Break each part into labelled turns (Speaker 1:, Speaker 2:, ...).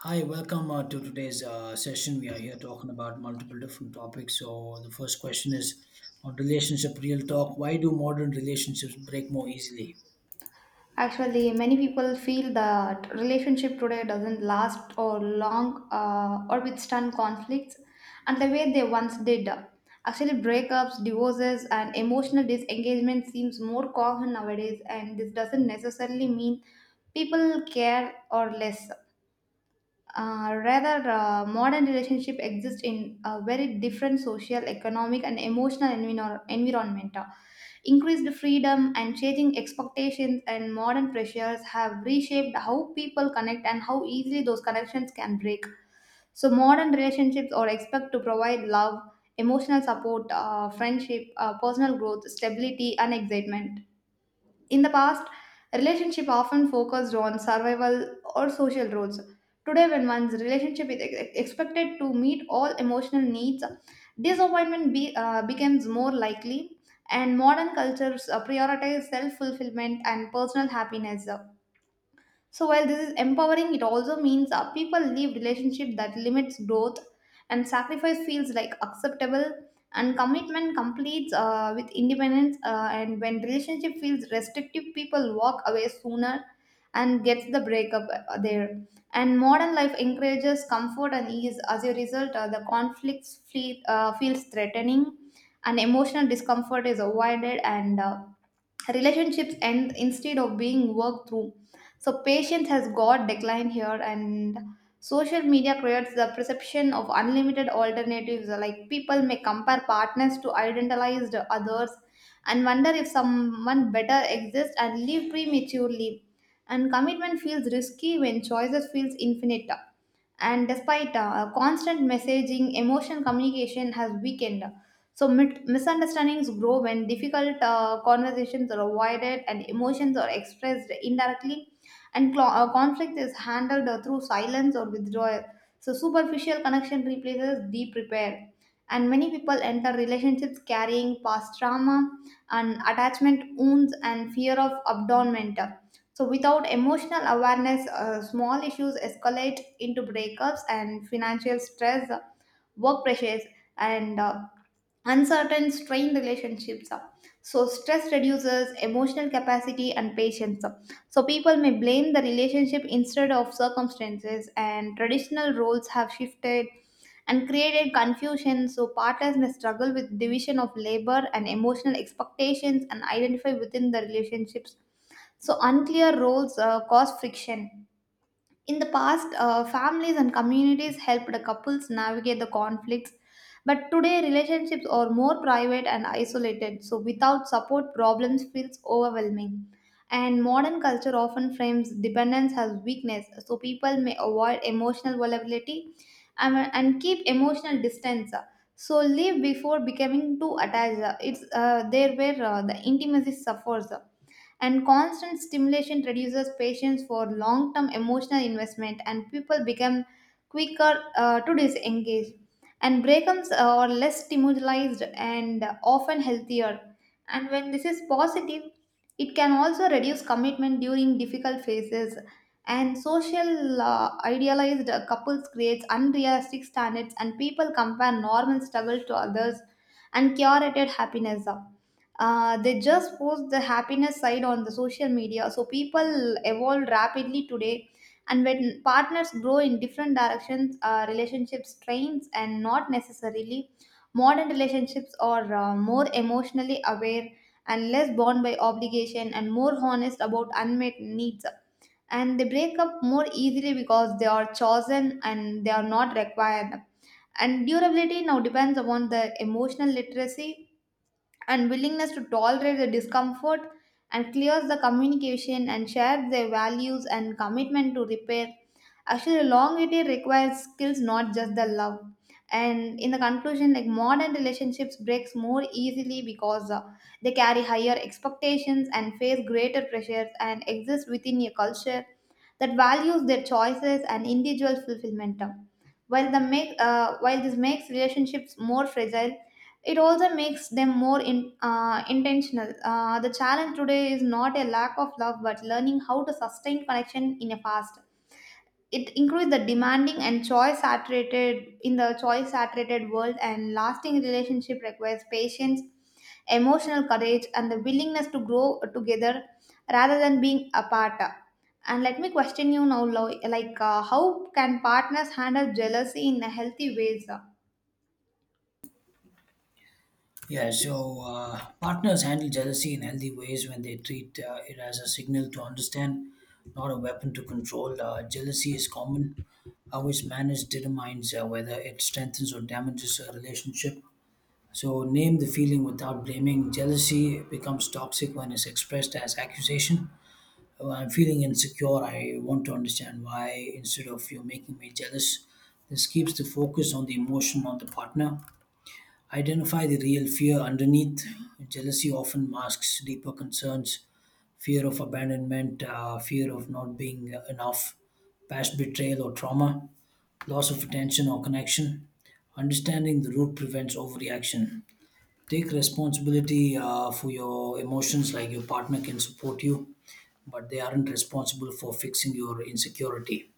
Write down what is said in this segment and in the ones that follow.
Speaker 1: Hi, welcome to today's session. We are here talking about multiple different topics. So, the first question is on relationship real talk. Why do modern relationships break more easily?
Speaker 2: Actually, many people feel that relationship today doesn't last or long or withstand conflicts and the way they once did. Actually, breakups, divorces, and emotional disengagement seems more common nowadays, and this doesn't necessarily mean people care or less, rather modern relationship exist in a very different social economic and emotional environment. Increased freedom and changing expectations and modern pressures have reshaped how people connect and how easily those connections can break. So modern relationships are expected to provide love, emotional support, friendship, personal growth, stability, and excitement. In the past, relationship often focused on survival or social roles. Today, when one's relationship is expected to meet all emotional needs, disappointment becomes more likely, and modern cultures prioritize self fulfillment and personal happiness. So while this is empowering, it also means people leave relationship that limits growth, and sacrifice feels like acceptable, and commitment completes with independence, and when relationship feels restrictive, people walk away sooner and gets the breakup there. And modern life encourages comfort and ease. As a result, the conflicts feels threatening, and emotional discomfort is avoided, and relationships end instead of being worked through. So patience has got declined here. And social media creates the perception of unlimited alternatives, like people may compare partners to idealized others and wonder if someone better exists and leave prematurely. And commitment feels risky when choices feels infinite. And despite constant messaging, emotion communication has weakened. So misunderstandings grow when difficult conversations are avoided and emotions are expressed indirectly, and conflict is handled through silence or withdrawal. So superficial connection replaces deep repair. And many people enter relationships carrying past trauma and attachment wounds and fear of abandonment. So, without emotional awareness, small issues escalate into breakups, and financial stress, work pressures, and uncertain strained relationships. So stress reduces emotional capacity and patience, so people may blame the relationship instead of circumstances. And traditional roles have shifted and created confusion, so partners may struggle with division of labor and emotional expectations and identify within the relationships. So unclear roles cause friction. In the past, families and communities helped couples navigate the conflicts, but today relationships are more private and isolated, so without support, problems feels overwhelming. And modern culture often frames dependence as weakness, so people may avoid emotional vulnerability and keep emotional distance. So leave before becoming too attached. It's There where the intimacy suffers and constant stimulation reduces patience for long term emotional investment, and people become quicker to disengage. And breakups are less stimulated and often healthier, and when this is positive, it can also reduce commitment during difficult phases. And social, idealized couples creates unrealistic standards, and people compare normal struggles to others and curated happiness. They just post the happiness side on the social media. So people evolve rapidly today, and when partners grow in different directions, relationships strains. And not necessarily, modern relationships are more emotionally aware and less bound by obligation and more honest about unmet needs, and they break up more easily because they are chosen and they are not required. And durability now depends upon the emotional literacy and willingness to tolerate the discomfort and clears the communication and shares their values and commitment to repair. Actually, a long it requires skills, not just the love. And in the conclusion, like modern relationships breaks more easily because they carry higher expectations and face greater pressures and exist within a culture that values their choices and individual fulfillment. While this makes relationships more fragile, it also makes them more intentional. The challenge today is not a lack of love, but learning how to sustain connection in a fast. It includes the demanding and choice saturated world, and lasting relationship requires patience, emotional courage, and the willingness to grow together rather than being apart. And let me question you now, like how can partners handle jealousy in a healthy ways?
Speaker 1: Yeah, so partners handle jealousy in healthy ways when they treat it as a signal to understand, not a weapon to control. Jealousy is common. How it's managed determines whether it strengthens or damages a relationship. So, name the feeling without blaming. Jealousy becomes toxic when it's expressed as accusation. I'm feeling insecure. I want to understand why instead of you making me jealous. This keeps the focus on the emotion of the partner. Identify the real fear underneath. Jealousy often masks deeper concerns: fear of abandonment, fear of not being enough, past betrayal or trauma, loss of attention or connection. Understanding the root prevents overreaction. Take responsibility for your emotions, like your partner can support you but they aren't responsible for fixing your insecurity.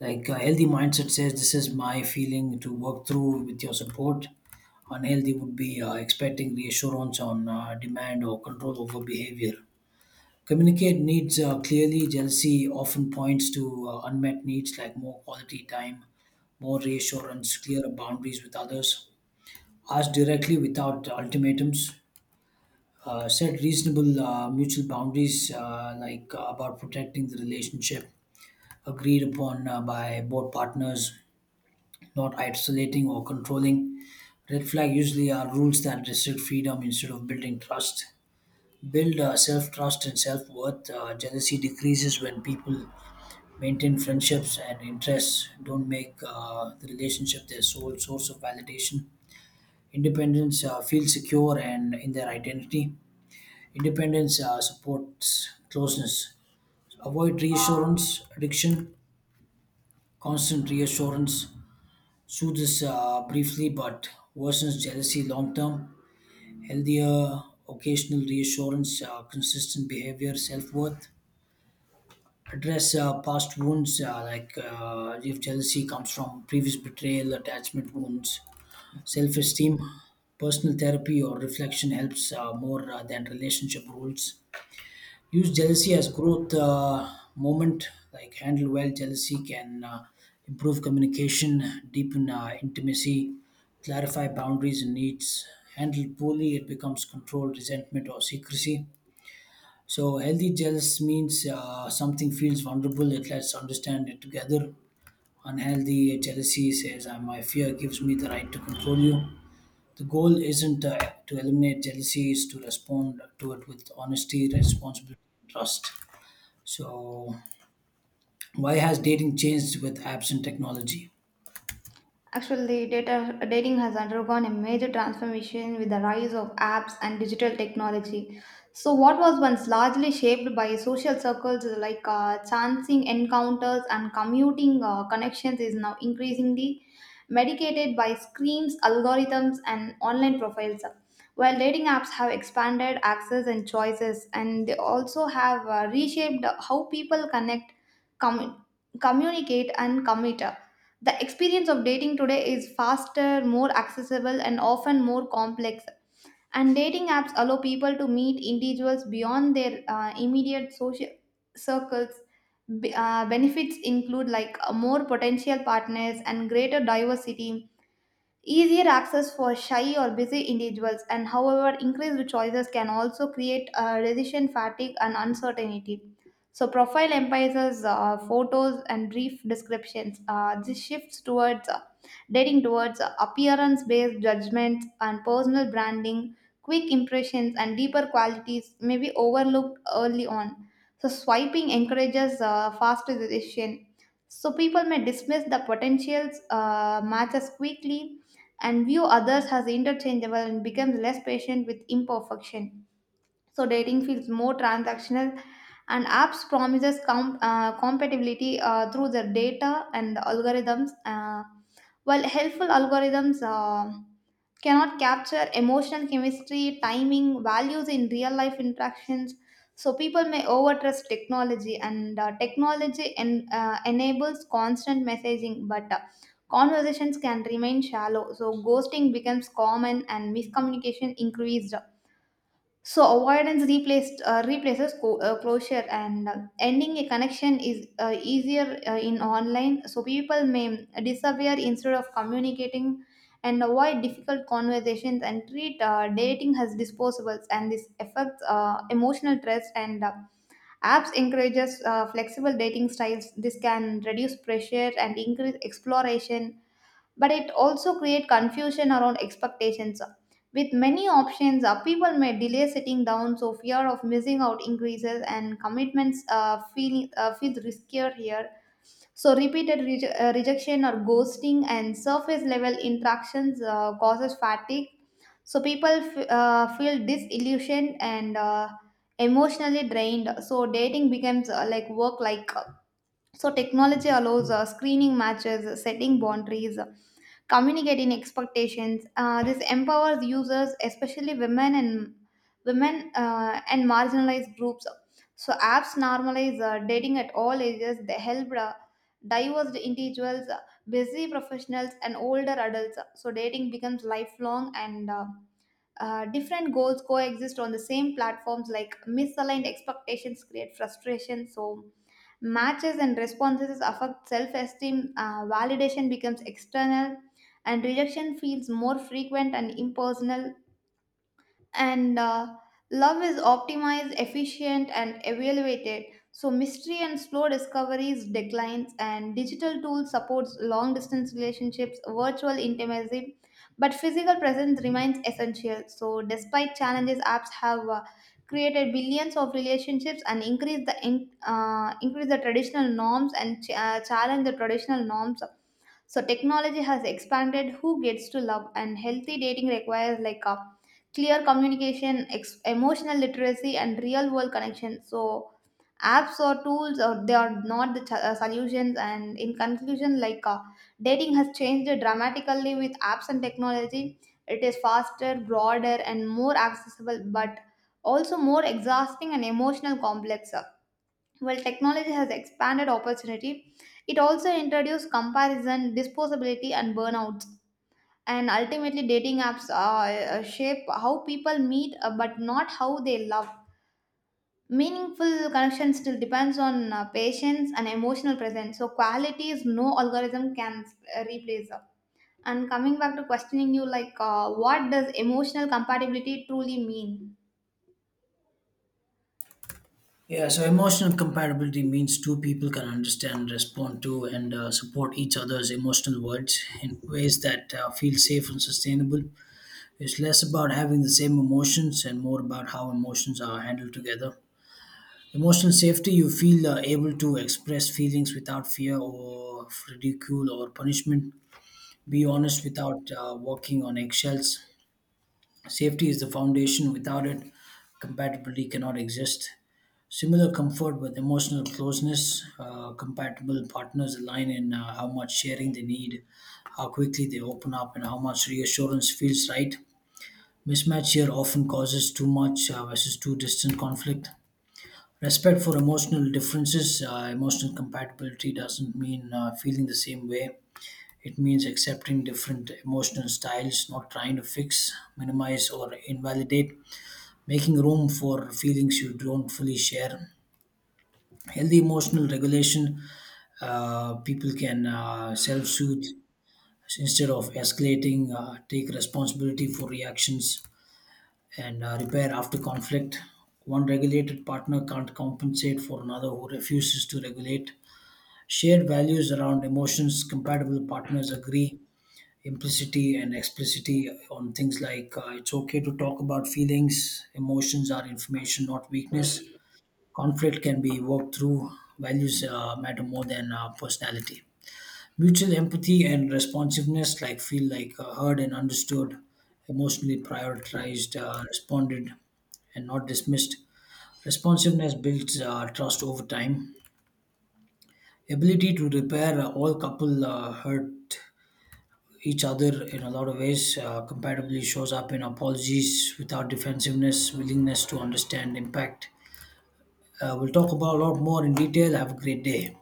Speaker 1: Like a healthy mindset says, this is my feeling to work through with your support. Unhealthy would be expecting reassurance on demand or control over behavior. Communicate needs clearly. Jealousy often points to unmet needs like more quality time, more reassurance, clearer boundaries with others. Ask directly without ultimatums. Set reasonable mutual boundaries, like about protecting the relationship agreed upon by both partners, not isolating or controlling. Red flag usually are rules that restrict freedom instead of building trust. Build self trust and self worth. Jealousy decreases when people maintain friendships and interests, don't make the relationship their sole source of validation. Independence feel secure and in their identity. Independence supports closeness. Avoid reassurance addiction, constant reassurance soothes briefly but worsens jealousy long term. Healthier occasional reassurance, consistent behavior, self worth. Address past wounds like if jealousy comes from previous betrayal, attachment wounds, self esteem. Personal therapy or reflection helps more than relationship rules. Use jealousy as growth moment, like, handle well, jealousy can improve communication, deepen intimacy, clarify boundaries and needs. Handle poorly, it becomes control, resentment or secrecy. So healthy jealous means something feels vulnerable, it lets understand it together. Unhealthy jealousy says my fear gives me the right to control you. The goal isn't to eliminate jealousy, is to respond to it with honesty, responsibility and trust. So, why has dating changed with apps and technology?
Speaker 2: Actually, dating has undergone a major transformation with the rise of apps and digital technology. So, what was once largely shaped by social circles, like chancing encounters and commuting connections, is now increasingly medicated by screens, algorithms, and online profiles. While dating apps have expanded access and choices, and they also have reshaped how people connect, com- communicate, and commit. The experience of dating today is faster, more accessible, and often more complex. And dating apps allow people to meet individuals beyond their immediate social circles. Benefits include, like, more potential partners and greater diversity, easier access for shy or busy individuals. And however, increased choices can also create decision fatigue and uncertainty. So profile emphasizes photos and brief descriptions. This shifts towards dating towards appearance based judgments and personal branding. Quick impressions and deeper qualities may be overlooked early on. So swiping encourages faster decision, so people may dismiss the potentials matches quickly and view others as interchangeable and becomes less patient with imperfection. So dating feels more transactional. And apps promises compatibility through their data and algorithms. While helpful, algorithms cannot capture emotional chemistry, timing, values in real life interactions. So people may overtrust technology, and technology enables constant messaging, but conversations can remain shallow. So ghosting becomes common, and miscommunication increased. So avoidance replaced replaces closure, and ending a connection is easier in online. So people may disappear instead of communicating, and avoid difficult conversations, and treat dating as disposables. And this affects emotional trust. And apps encourages flexible dating styles. This can reduce pressure and increase exploration, but it also create confusion around expectations. With many options, people may delay sitting down, so fear of missing out increases and commitments feels riskier here. So repeated rejection or ghosting and surface level interactions causes fatigue. So people feel disillusioned and emotionally drained. So dating becomes, like work, like. So technology allows screening matches, setting boundaries, communicating expectations. This empowers users, especially women, and marginalized groups. So apps normalize dating at all ages. They help diverse individuals, busy professionals, and older adults. So dating becomes lifelong, and different goals coexist on the same platforms, like misaligned expectations create frustration. So matches and responses affect self esteem, validation becomes external, and rejection feels more frequent and impersonal, and love is optimized, efficient, and evaluated. So mystery and slow discoveries declines. And digital tools supports long distance relationships, virtual intimacy, but physical presence remains essential. So despite challenges, apps have created billions of relationships and increase the traditional norms and challenge the traditional norms. So technology has expanded who gets to love, and healthy dating requires, like, a clear communication, emotional literacy, and real world connection. So apps or tools or they are not the solutions. And in conclusion, like, dating has changed dramatically with apps and technology. It is faster, broader, and more accessible, but also more exhausting and emotional complex. While technology has expanded opportunity, it also introduced comparison, disposability, and burnouts. And ultimately, dating apps shape how people meet, but not how they love. Meaningful connection still depends on patience and emotional presence. So, quality is no algorithm can replace. And coming back to questioning you, like, what does emotional compatibility truly mean?
Speaker 1: Yeah, so emotional compatibility means two people can understand, respond to, and support each other's emotional words in ways that feel safe and sustainable. It's less about having the same emotions and more about how emotions are handled together. Emotional safety, you feel able to express feelings without fear or ridicule or punishment. Be honest without walking on eggshells. Safety is the foundation. Without it, compatibility cannot exist. Similar comfort with emotional closeness. Compatible partners align in how much sharing they need, how quickly they open up, and how much reassurance feels right. Mismatch here often causes too much versus too distant conflict. Respect for emotional differences. Emotional compatibility doesn't mean feeling the same way. It means accepting different emotional styles, not trying to fix, minimize, or invalidate, making room for feelings you don't fully share. Healthy emotional regulation, people can self soothe instead of escalating, take responsibility for reactions, and repair after conflict. One regulated partner can't compensate for another who refuses to regulate. Shared values around emotions, compatible partners agree implicitly and explicitly on things like it's okay to talk about feelings, emotions are information, not weakness. Conflict can be worked through. Values matter more than personality. Mutual empathy and responsiveness, like feel like heard and understood, emotionally prioritized, responded, and not dismissed. Responsiveness builds trust over time. Ability to repair, all couple hurt each other in a lot of ways. Compatibility shows up in apologies without defensiveness, willingness to understand impact. We'll talk about a lot more in detail. Have a great day.